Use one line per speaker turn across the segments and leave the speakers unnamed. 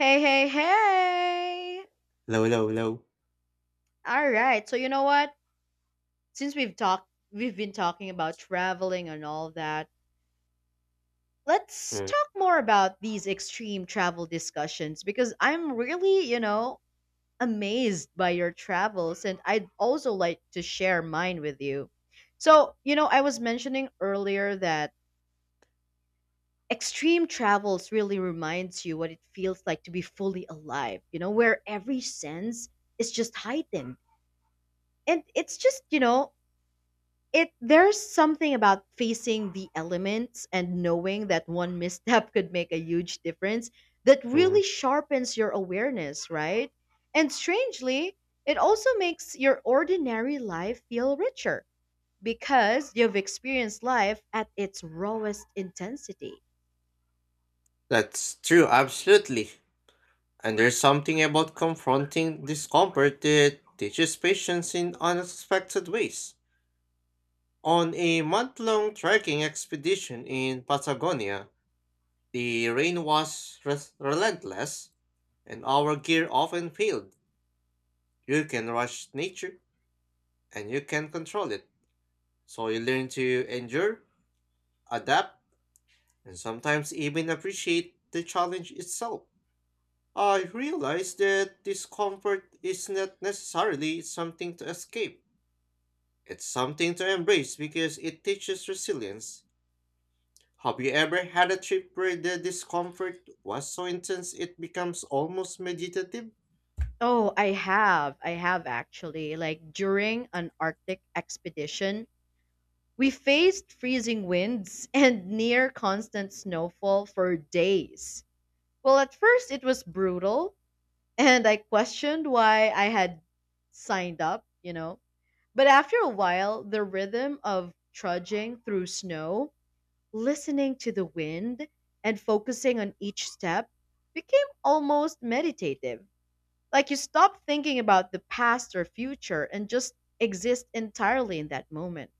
Hey, hey, hey!
Low, low, low.
All right. So you know what? Since we've talked, we've been talking about traveling and all that. Let's talk more about these extreme travel discussions because I'm really, amazed by your travels, and I'd also like to share mine with you. So you know, I was mentioning earlier that extreme travels really reminds you what it feels like to be fully alive. You know, where every sense is just heightened and it's just you know it there's something about facing the elements and knowing that one misstep could make a huge difference that really
Mm-hmm.
sharpens your awareness, right? And strangely, it also makes your ordinary life feel richer because you've experienced life at its rawest intensity.
That's true, absolutely. And there's something about confronting discomfort that teaches patience in unexpected ways. On a month long trekking expedition in Patagonia, the rain was relentless and our gear often failed. You can rush nature and you can control it. So you learn to endure, adapt, and sometimes even appreciate the challenge itself. I realize that discomfort is not necessarily something to escape. It's something to embrace because it teaches resilience. Have you ever had a trip where the discomfort was so intense it becomes almost meditative?
Oh, I have. I have actually. Like during an Arctic expedition, we faced freezing winds and near constant snowfall for days. Well, at first it was brutal, and I questioned why I had signed up, But after a while, the rhythm of trudging through snow, listening to the wind, and focusing on each step became almost meditative. Like you stop thinking about the past or future and just exist entirely in that moment.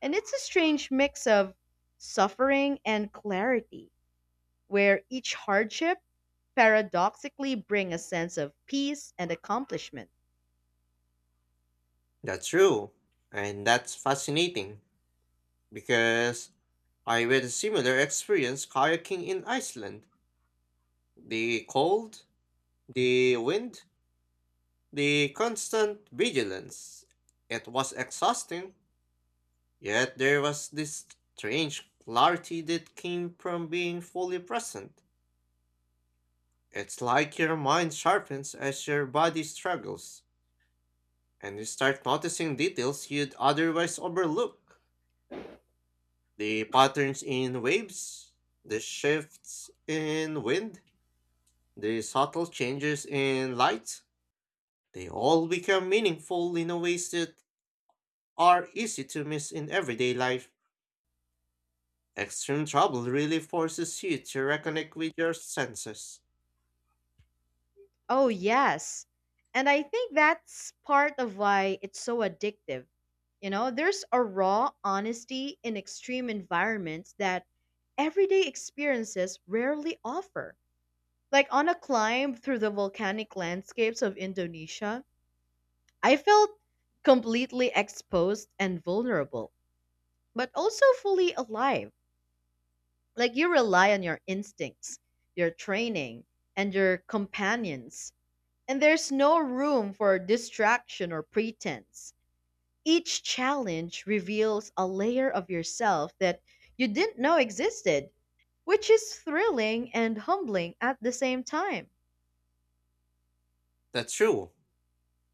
And it's a strange mix of suffering and clarity, where each hardship paradoxically bring a sense of peace and accomplishment.
That's true. And that's fascinating because I had a similar experience kayaking in Iceland. The cold, the wind, the constant vigilance. It was exhausting, yet there was this strange clarity that came from being fully present. It's like your mind sharpens as your body struggles, and you start noticing details you'd otherwise overlook. The patterns in waves, the shifts in wind, the subtle changes in light, they all become meaningful in a ways that are easy to miss in everyday life. Extreme trouble really forces you to reconnect with your senses.
Oh, yes. And I think that's part of why it's so addictive. You know, there's a raw honesty in extreme environments that everyday experiences rarely offer. Like on a climb through the volcanic landscapes of Indonesia, I felt completely exposed and vulnerable, but also fully alive. Like you rely on your instincts, your training, and your companions, and there's no room for distraction or pretense. Each challenge reveals a layer of yourself that you didn't know existed, which is thrilling and humbling at the same time.
That's true,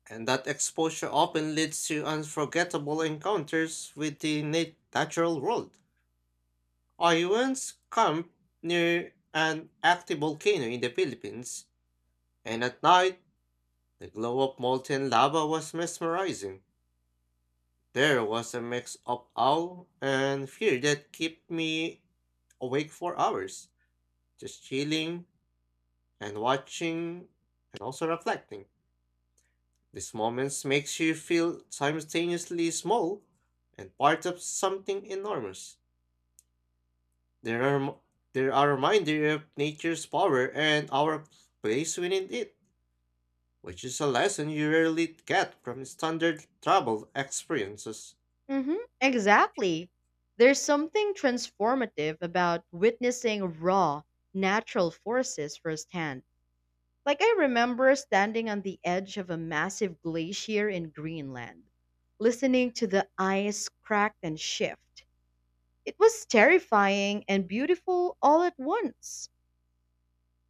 and that exposure often leads to unforgettable encounters with the natural world. I once camped near an active volcano in the Philippines, and at night, the glow of molten lava was mesmerizing. There was a mix of awe and fear that kept me awake for hours, just chilling and watching and also reflecting. These moments makes you feel simultaneously small and part of something enormous. There are rem- they are a reminder of nature's power and our place within it, which is a lesson you rarely get from standard travel experiences.
Hmm, exactly. There's something transformative about witnessing raw, natural forces firsthand. Like, I remember standing on the edge of a massive glacier in Greenland, listening to the ice crack and shift. It was terrifying and beautiful all at once.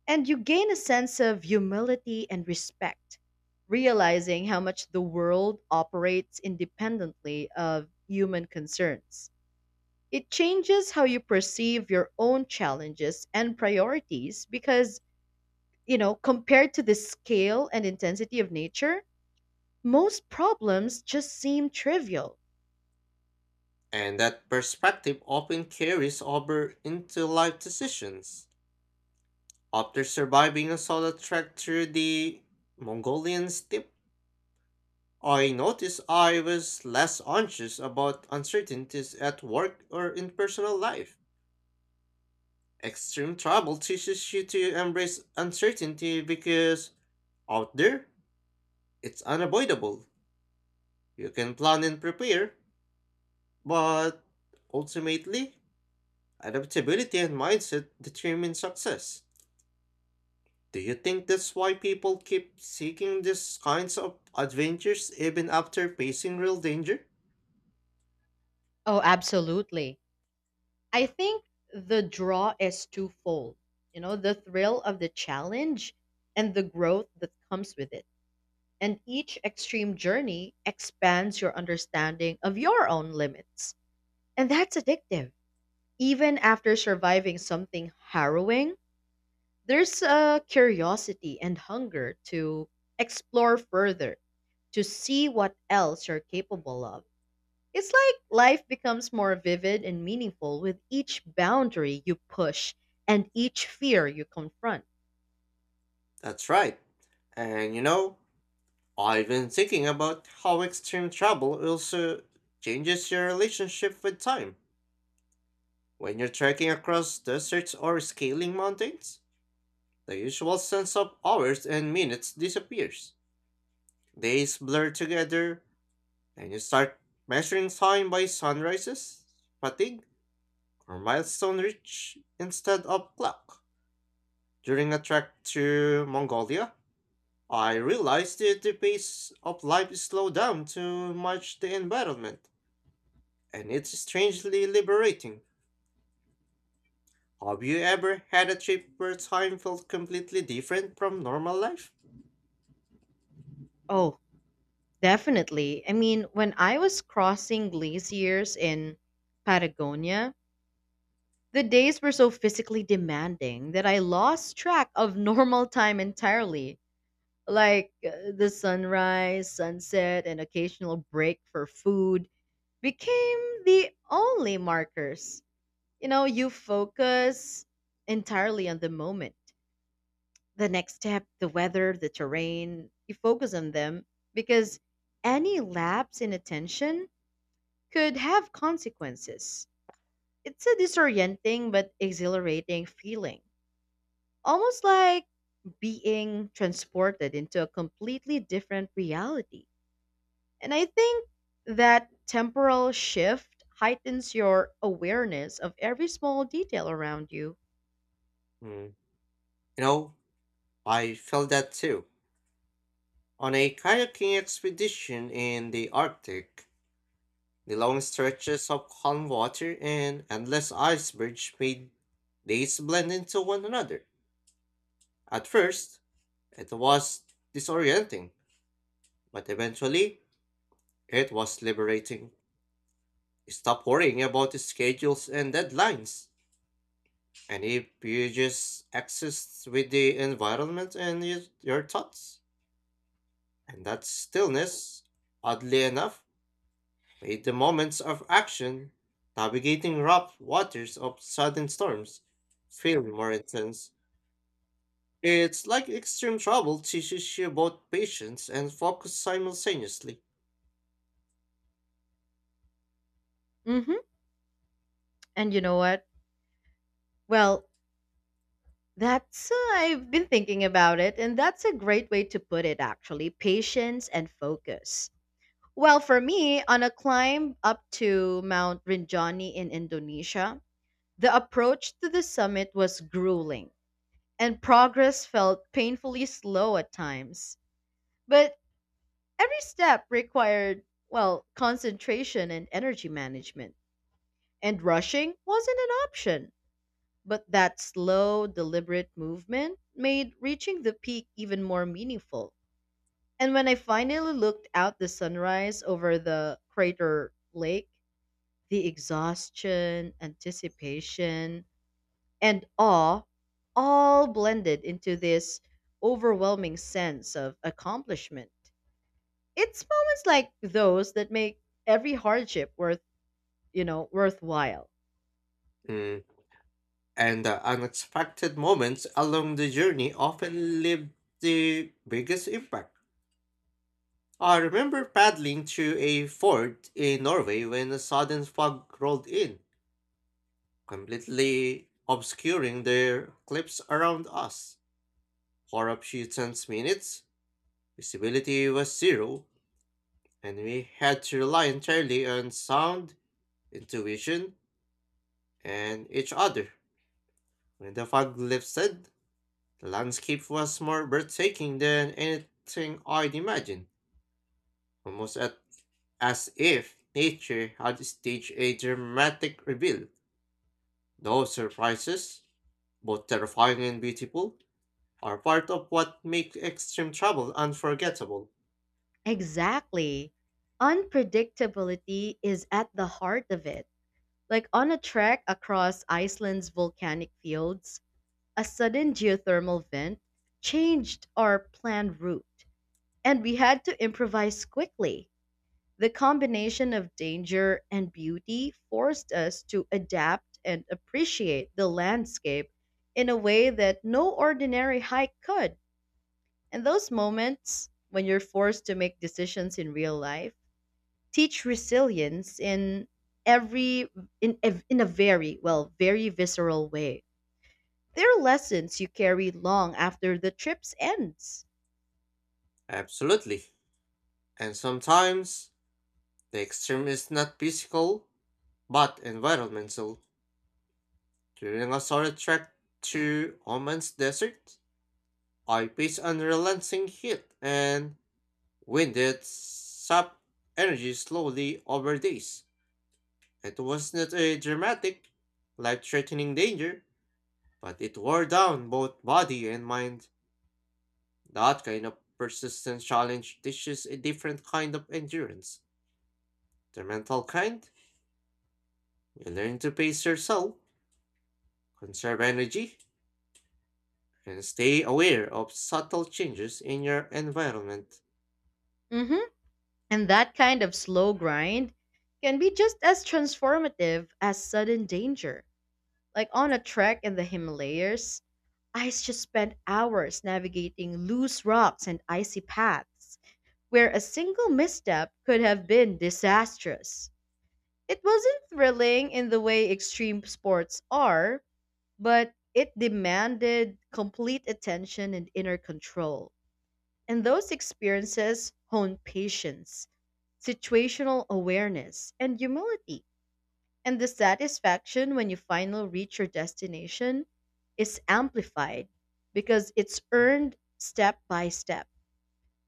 And you gain a sense of humility and respect, realizing how much the world operates independently of human concerns. It changes how you perceive your own challenges and priorities because, you know, compared to the scale and intensity of nature, most problems just seem trivial.
And that perspective often carries over into life decisions. After surviving a solo trek through the Mongolian steppe, I noticed I was less anxious about uncertainties at work or in personal life. Extreme travel teaches you to embrace uncertainty because out there, it's unavoidable. You can plan and prepare, but ultimately, adaptability and mindset determine success. Do you think that's why people keep seeking these kinds of adventures even after facing real danger?
Oh, absolutely. I think the draw is twofold. You know, the thrill of the challenge and the growth that comes with it. And each extreme journey expands your understanding of your own limits. And that's addictive. Even after surviving something harrowing, there's a curiosity and hunger to explore further, to see what else you're capable of. It's like life becomes more vivid and meaningful with each boundary you push and each fear you confront.
That's right. And you know, I've been thinking about how extreme travel also changes your relationship with time. When you're trekking across deserts or scaling mountains, the usual sense of hours and minutes disappears. Days blur together, and you start measuring time by sunrises, fatigue, or milestone reach instead of clock. During a trek to Mongolia, I realized that the pace of life slowed down to match the environment, and it's strangely liberating. Have you ever had a trip where time felt completely different from normal life?
Oh, definitely. I mean, when I was crossing glaciers in Patagonia, the days were so physically demanding that I lost track of normal time entirely. Like the sunrise, sunset, and occasional break for food became the only markers. You know, you focus entirely on the moment, the next step, the weather, the terrain. You focus on them because any lapse in attention could have consequences. It's a disorienting but exhilarating feeling, almost like being transported into a completely different reality. And I think that temporal shift heightens your awareness of every small detail around you.
Hmm. You know, I felt that too. On a kayaking expedition in the Arctic, the long stretches of calm water and endless icebergs made days blend into one another. At first, it was disorienting, but eventually, it was liberating. Stop worrying about the schedules and deadlines, and if you just exist with the environment and your thoughts, and that stillness, oddly enough, made the moments of action, navigating rough waters of sudden storms, feel more intense. It's like extreme travel teaches you both patience and focus simultaneously.
Hmm. And you know what? Well, that's I've been thinking about it, and that's a great way to put it, actually. Patience and focus. Well, for me, on a climb up to Mount Rinjani in Indonesia, the approach to the summit was grueling, and progress felt painfully slow at times. But every step required, well, concentration and energy management, and rushing wasn't an option. But that slow, deliberate movement made reaching the peak even more meaningful. And when I finally looked out the sunrise over the crater lake, the exhaustion, anticipation, and awe all blended into this overwhelming sense of accomplishment. It's moments like those that make every hardship worthwhile.
Mm. And the unexpected moments along the journey often leave the biggest impact. I remember paddling through a fort in Norway when a sudden fog rolled in, completely obscuring the cliffs around us. For a few tense minutes, visibility was zero, and we had to rely entirely on sound, intuition, and each other. When the fog lifted, the landscape was more breathtaking than anything I'd imagined, almost at- as if nature had staged a dramatic reveal. Those surprises, both terrifying and beautiful, are part of what make extreme travel unforgettable.
Exactly. Unpredictability is at the heart of it. Like on a trek across Iceland's volcanic fields, a sudden geothermal vent changed our planned route, and we had to improvise quickly. The combination of danger and beauty forced us to adapt and appreciate the landscape in a way that no ordinary hike could. And those moments when you're forced to make decisions in real life, teach resilience in every in a very visceral way. They're lessons you carry long after the trip ends.
Absolutely. And sometimes the extreme is not physical but environmental. During a solid trek to Oman's desert, I faced unrelenting heat and winded sap energy slowly over days. It was not a dramatic, life threatening danger, but it wore down both body and mind. That kind of persistent challenge teaches a different kind of endurance. The mental kind, you learn to pace yourself, conserve energy, and stay aware of subtle changes in your environment.
Hmm, and that kind of slow grind can be just as transformative as sudden danger. Like on a trek in the Himalayas, I just spent hours navigating loose rocks and icy paths where a single misstep could have been disastrous. It wasn't thrilling in the way extreme sports are, but it demanded complete attention and inner control. And those experiences hone patience, situational awareness, and humility. And the satisfaction when you finally reach your destination is amplified because it's earned step by step,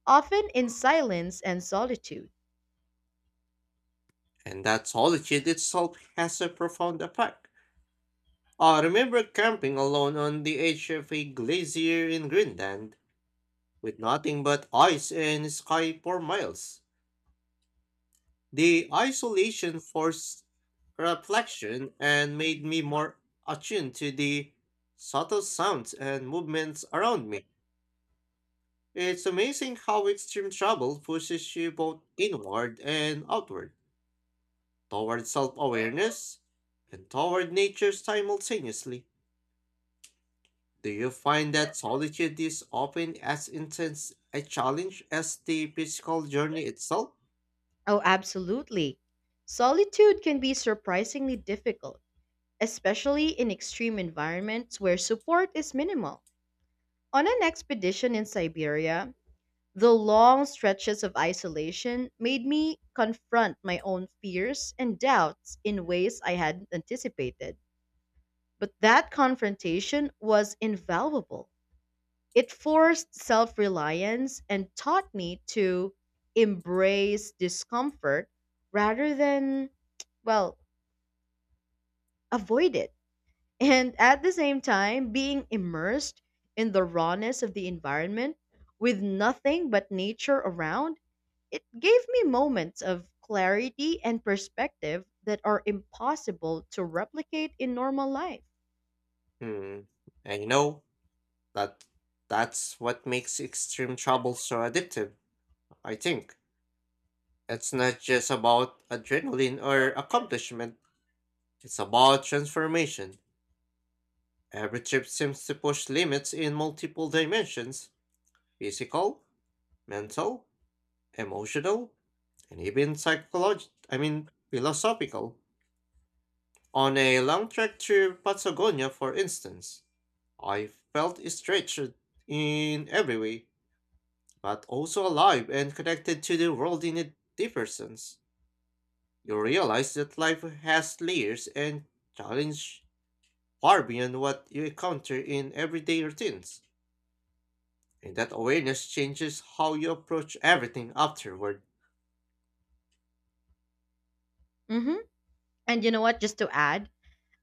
often in silence and solitude.
And that solitude itself has a profound effect. I remember camping alone on the edge of a glacier in Greenland, with nothing but ice and sky for miles. The isolation forced reflection and made me more attuned to the subtle sounds and movements around me. It's amazing how extreme travel pushes you both inward and outward, toward self awareness and toward nature simultaneously. Do you find that solitude is often as intense a challenge as the physical journey itself?
Oh, absolutely. Solitude can be surprisingly difficult, especially in extreme environments where support is minimal. On an expedition in Siberia, the long stretches of isolation made me confront my own fears and doubts in ways I hadn't anticipated. But that confrontation was invaluable. It forced self reliance and taught me to embrace discomfort rather than, well, avoid it. And at the same time, being immersed in the rawness of the environment with nothing but nature around, it gave me moments of clarity and perspective that are impossible to replicate in normal life.
Hmm, I know. That that's what makes extreme travel so addictive, I think. It's not just about adrenaline or accomplishment, it's about transformation. Every trip seems to push limits in multiple dimensions: physical, mental, emotional, and even psychological I mean philosophical. On a long trek through Patagonia, for instance, I felt stretched in every way but also alive and connected to the world in a deeper sense. You realize that life has layers and challenge far beyond what you encounter in everyday routines. And that awareness changes how you approach everything afterward.
Hmm, and you know what? Just to add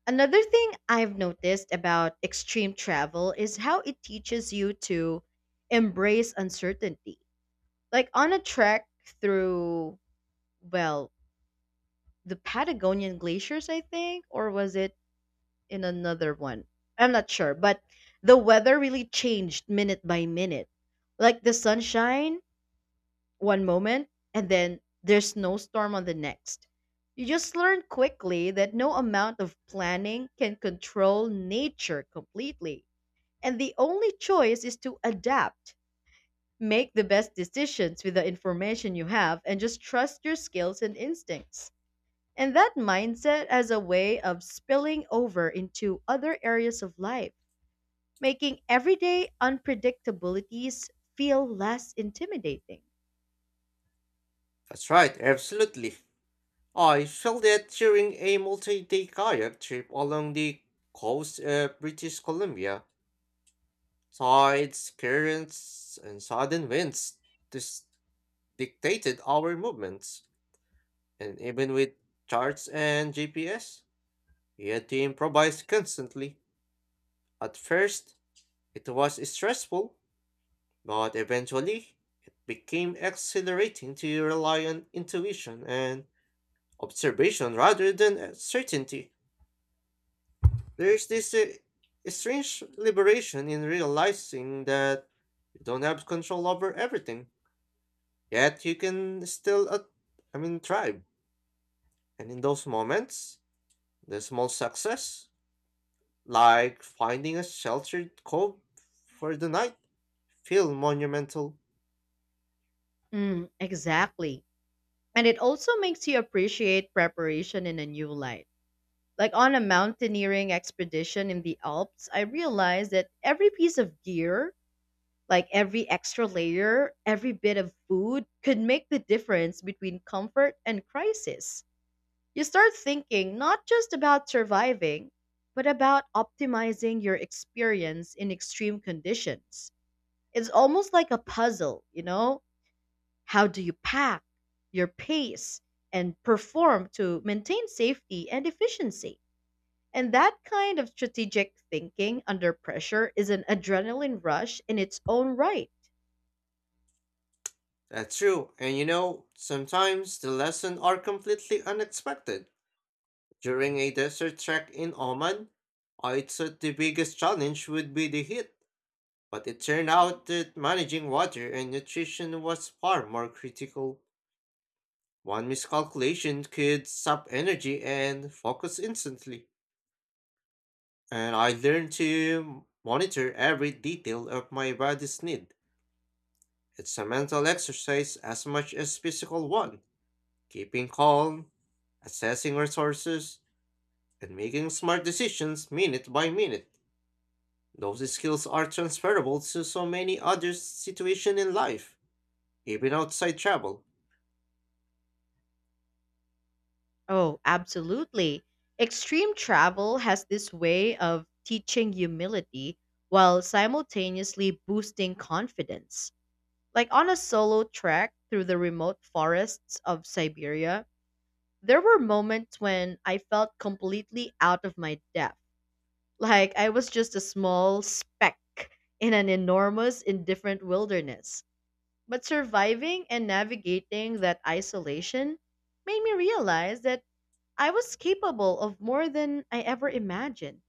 another thing I've noticed about extreme travel is how it teaches you to embrace uncertainty. Like on a trek through, well, the Patagonian glaciers, I think, or was it in another one? I'm not sure, but the weather really changed minute by minute. Like the sunshine one moment and then there's snowstorm on the next. You just learn quickly that no amount of planning can control nature completely. And the only choice is to adapt, make the best decisions with the information you have, and just trust your skills and instincts. And that mindset has a way of spilling over into other areas of life, making everyday unpredictabilities feel less intimidating.
That's right, absolutely. I felt that during a multi-day kayak trip along the coast of British Columbia. Tides, currents, and sudden winds dis- dictated our movements, and even with charts and GPS, he had to improvise constantly. At first, it was stressful, but eventually, it became exhilarating to rely on intuition and observation rather than certainty. There's this strange liberation in realizing that you don't have control over everything, yet you can still, thrive. And in those moments, the small success, like finding a sheltered cove for the night, feel monumental.
Mm, exactly. And it also makes you appreciate preparation in a new light. Like on a mountaineering expedition in the Alps, I realized that every piece of gear, like every extra layer, every bit of food, could make the difference between comfort and crisis. You start thinking not just about surviving, but about optimizing your experience in extreme conditions. It's almost like a puzzle, you know? How do you pack, your pace, and perform to maintain safety and efficiency? And that kind of strategic thinking under pressure is an adrenaline rush in its own right.
That's true, and you know, sometimes the lessons are completely unexpected. During a desert trek in Oman, I thought the biggest challenge would be the heat, but it turned out that managing water and nutrition was far more critical. One miscalculation could sap energy and focus instantly, and I learned to monitor every detail of my body's need. It's a mental exercise as much as physical one. Keeping calm, assessing resources, and making smart decisions minute by minute. Those skills are transferable to so many other situations in life, even outside travel.
Oh, absolutely. Extreme travel has this way of teaching humility while simultaneously boosting confidence. Like on a solo trek through the remote forests of Siberia, there were moments when I felt completely out of my depth. Like I was just a small speck in an enormous, indifferent wilderness. But surviving and navigating that isolation made me realize that I was capable of more than I ever imagined.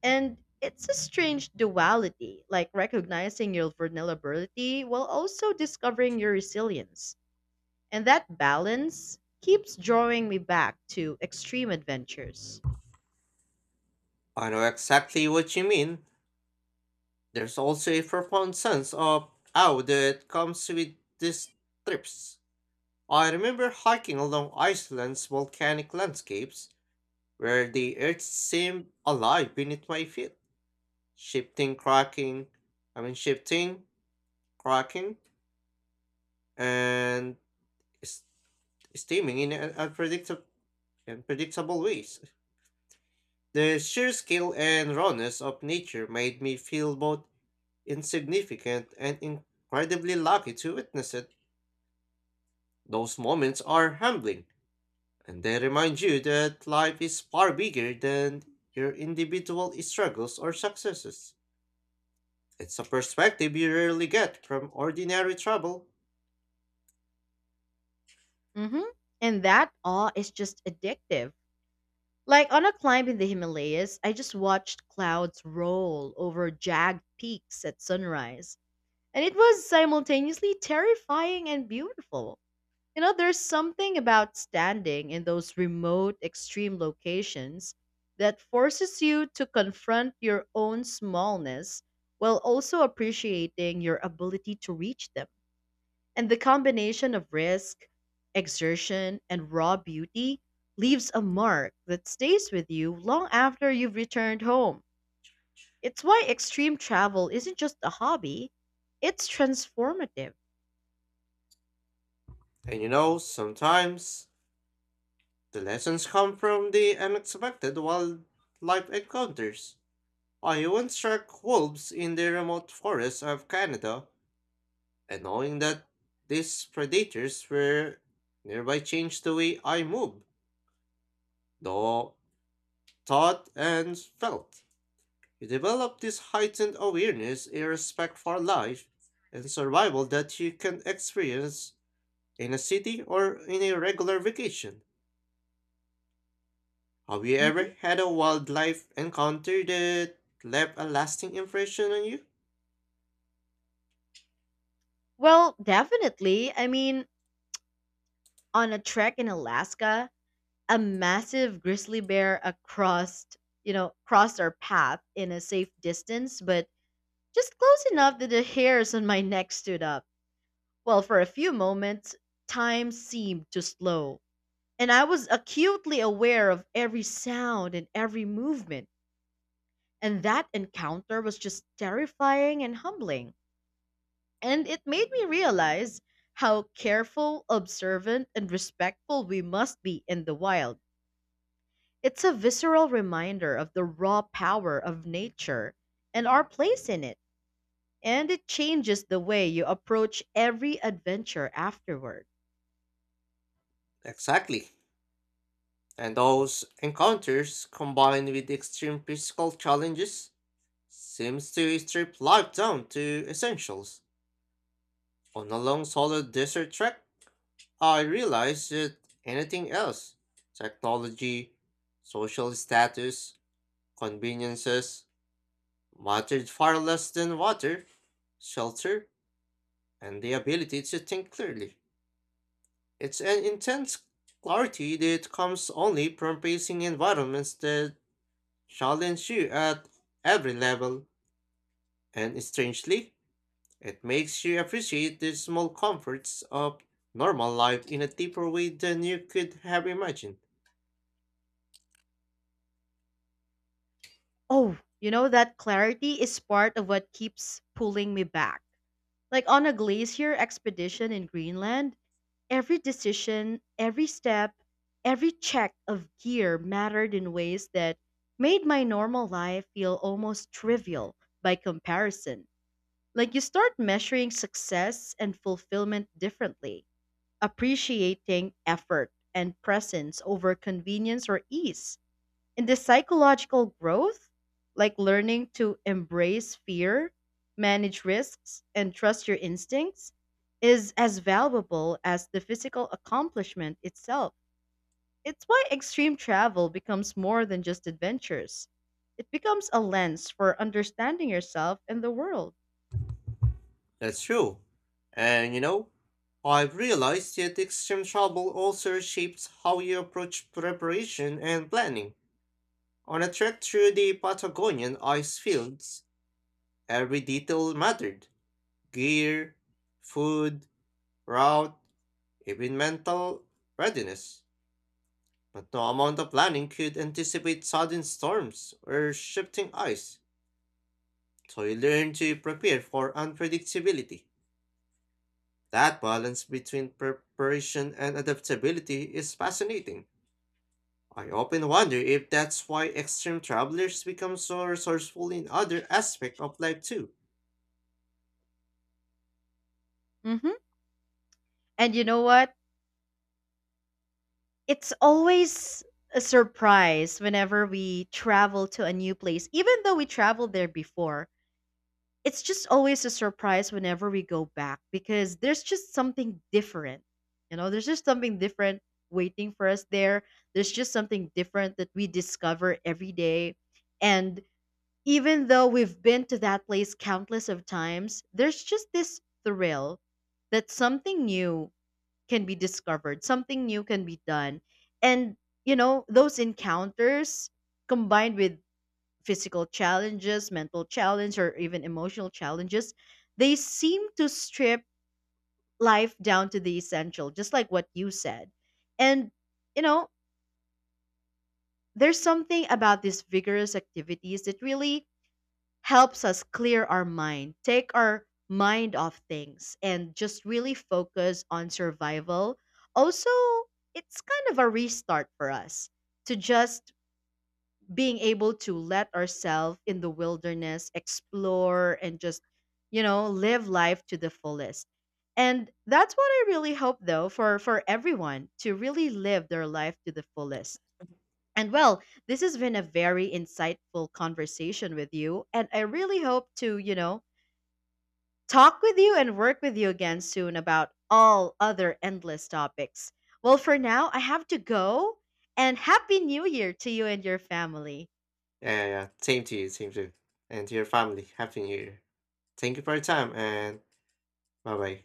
And it's a strange duality, like recognizing your vulnerability while also discovering your resilience. And that balance keeps drawing me back to extreme adventures.
I know exactly what you mean. There's also a profound sense of awe that comes with these trips. I remember hiking along Iceland's volcanic landscapes, where the earth seemed alive beneath my feet, shifting, cracking, shifting, cracking, and s- steaming in unpredictable, unpredictable ways. The sheer scale and rawness of nature made me feel both insignificant and incredibly lucky to witness it. Those moments are humbling, and they remind you that life is far bigger than your individual struggles or successes. It's a perspective you rarely get from ordinary travel.
Hmm. And that awe is just addictive. Like on a climb in the Himalayas, I just watched clouds roll over jagged peaks at sunrise. And it was simultaneously terrifying and beautiful. You know, there's something about standing in those remote, extreme locations that forces you to confront your own smallness while also appreciating your ability to reach them. And the combination of risk, exertion, and raw beauty leaves a mark that stays with you long after you've returned home. It's why extreme travel isn't just a hobby, it's transformative.
And you know, sometimes the lessons come from the unexpected wildlife encounters. I once tracked wolves in the remote forests of Canada, and knowing that these predators were nearby changed the way I moved, though thought and felt. You develop this heightened awareness, a respect for life, and survival that you can experience in a city or in a regular vacation. Have you
Mhm.
ever had a wildlife encounter that left a lasting impression on you?
Well, definitely. I mean, on a trek in Alaska, a massive grizzly bear across, crossed our path in a safe distance, but just close enough that the hairs on my neck stood up. Well, for a few moments, time seemed to slow, and I was acutely aware of every sound and every movement. And that encounter was just terrifying and humbling. And it made me realize how careful, observant, and respectful we must be in the wild. It's a visceral reminder of the raw power of nature and our place in it. And it changes the way you approach every adventure afterward.
Exactly. And those encounters, combined with extreme physical challenges, seems to strip life down to essentials. On a long solo desert trek, I realized that anything else, technology, social status, conveniences, mattered far less than water, shelter, and the ability to think clearly. It's an intense clarity that comes only from facing environments that challenge you at every level, and strangely, it makes you appreciate the small comforts of normal life in a deeper way than you could have imagined.
Oh, you know, that clarity is part of what keeps pulling me back. Like on a glacier expedition in Greenland, every decision, every step, every check of gear mattered in ways that made my normal life feel almost trivial by comparison. Like you start measuring success and fulfillment differently, appreciating effort and presence over convenience or ease. And the psychological growth, like learning to embrace fear, manage risks, and trust your instincts, is as valuable as the physical accomplishment itself. It's why extreme travel becomes more than just adventures. It becomes a lens for understanding yourself and the world.
That's true. And you know, I've realized that extreme travel also shapes how you approach preparation and planning. On a trek through the Patagonian ice fields, every detail mattered: gear, food, route, even mental readiness. But no amount of planning could anticipate sudden storms or shifting ice, so you learn to prepare for unpredictability. That balance between preparation and adaptability is fascinating. I often wonder if that's why extreme travelers become so resourceful in other aspects of life too.
Hmm. And you know what? It's always a surprise whenever we travel to a new place even though we traveled there before. It's just always a surprise whenever we go back because there's just something different. You know, there's just something different waiting for us there. There's just something different that we discover every day. And even though we've been to that place countless of times, there's just this thrill that something new can be discovered, something new can be done. And, you know, those encounters combined with physical challenges, mental challenge, or even emotional challenges, they seem to strip life down to the essential, just like what you said. And, you know, there's something about these vigorous activities that really helps us clear our mind, take our mind off things, and just really focus on survival. Also, it's kind of a restart for us to just being able to let ourselves in the wilderness, explore, and just, you know, live life to the fullest. And that's what I really hope though for everyone to really live their life to the fullest. And well, this has been a very insightful conversation with you. And I really hope to, you know, talk with you and work with you again soon about all other endless topics. Well, for now, I have to go. And Happy New Year to you and your family.
Yeah, yeah, yeah, same to you. And to your family. Happy New Year. Thank you for your time and bye bye.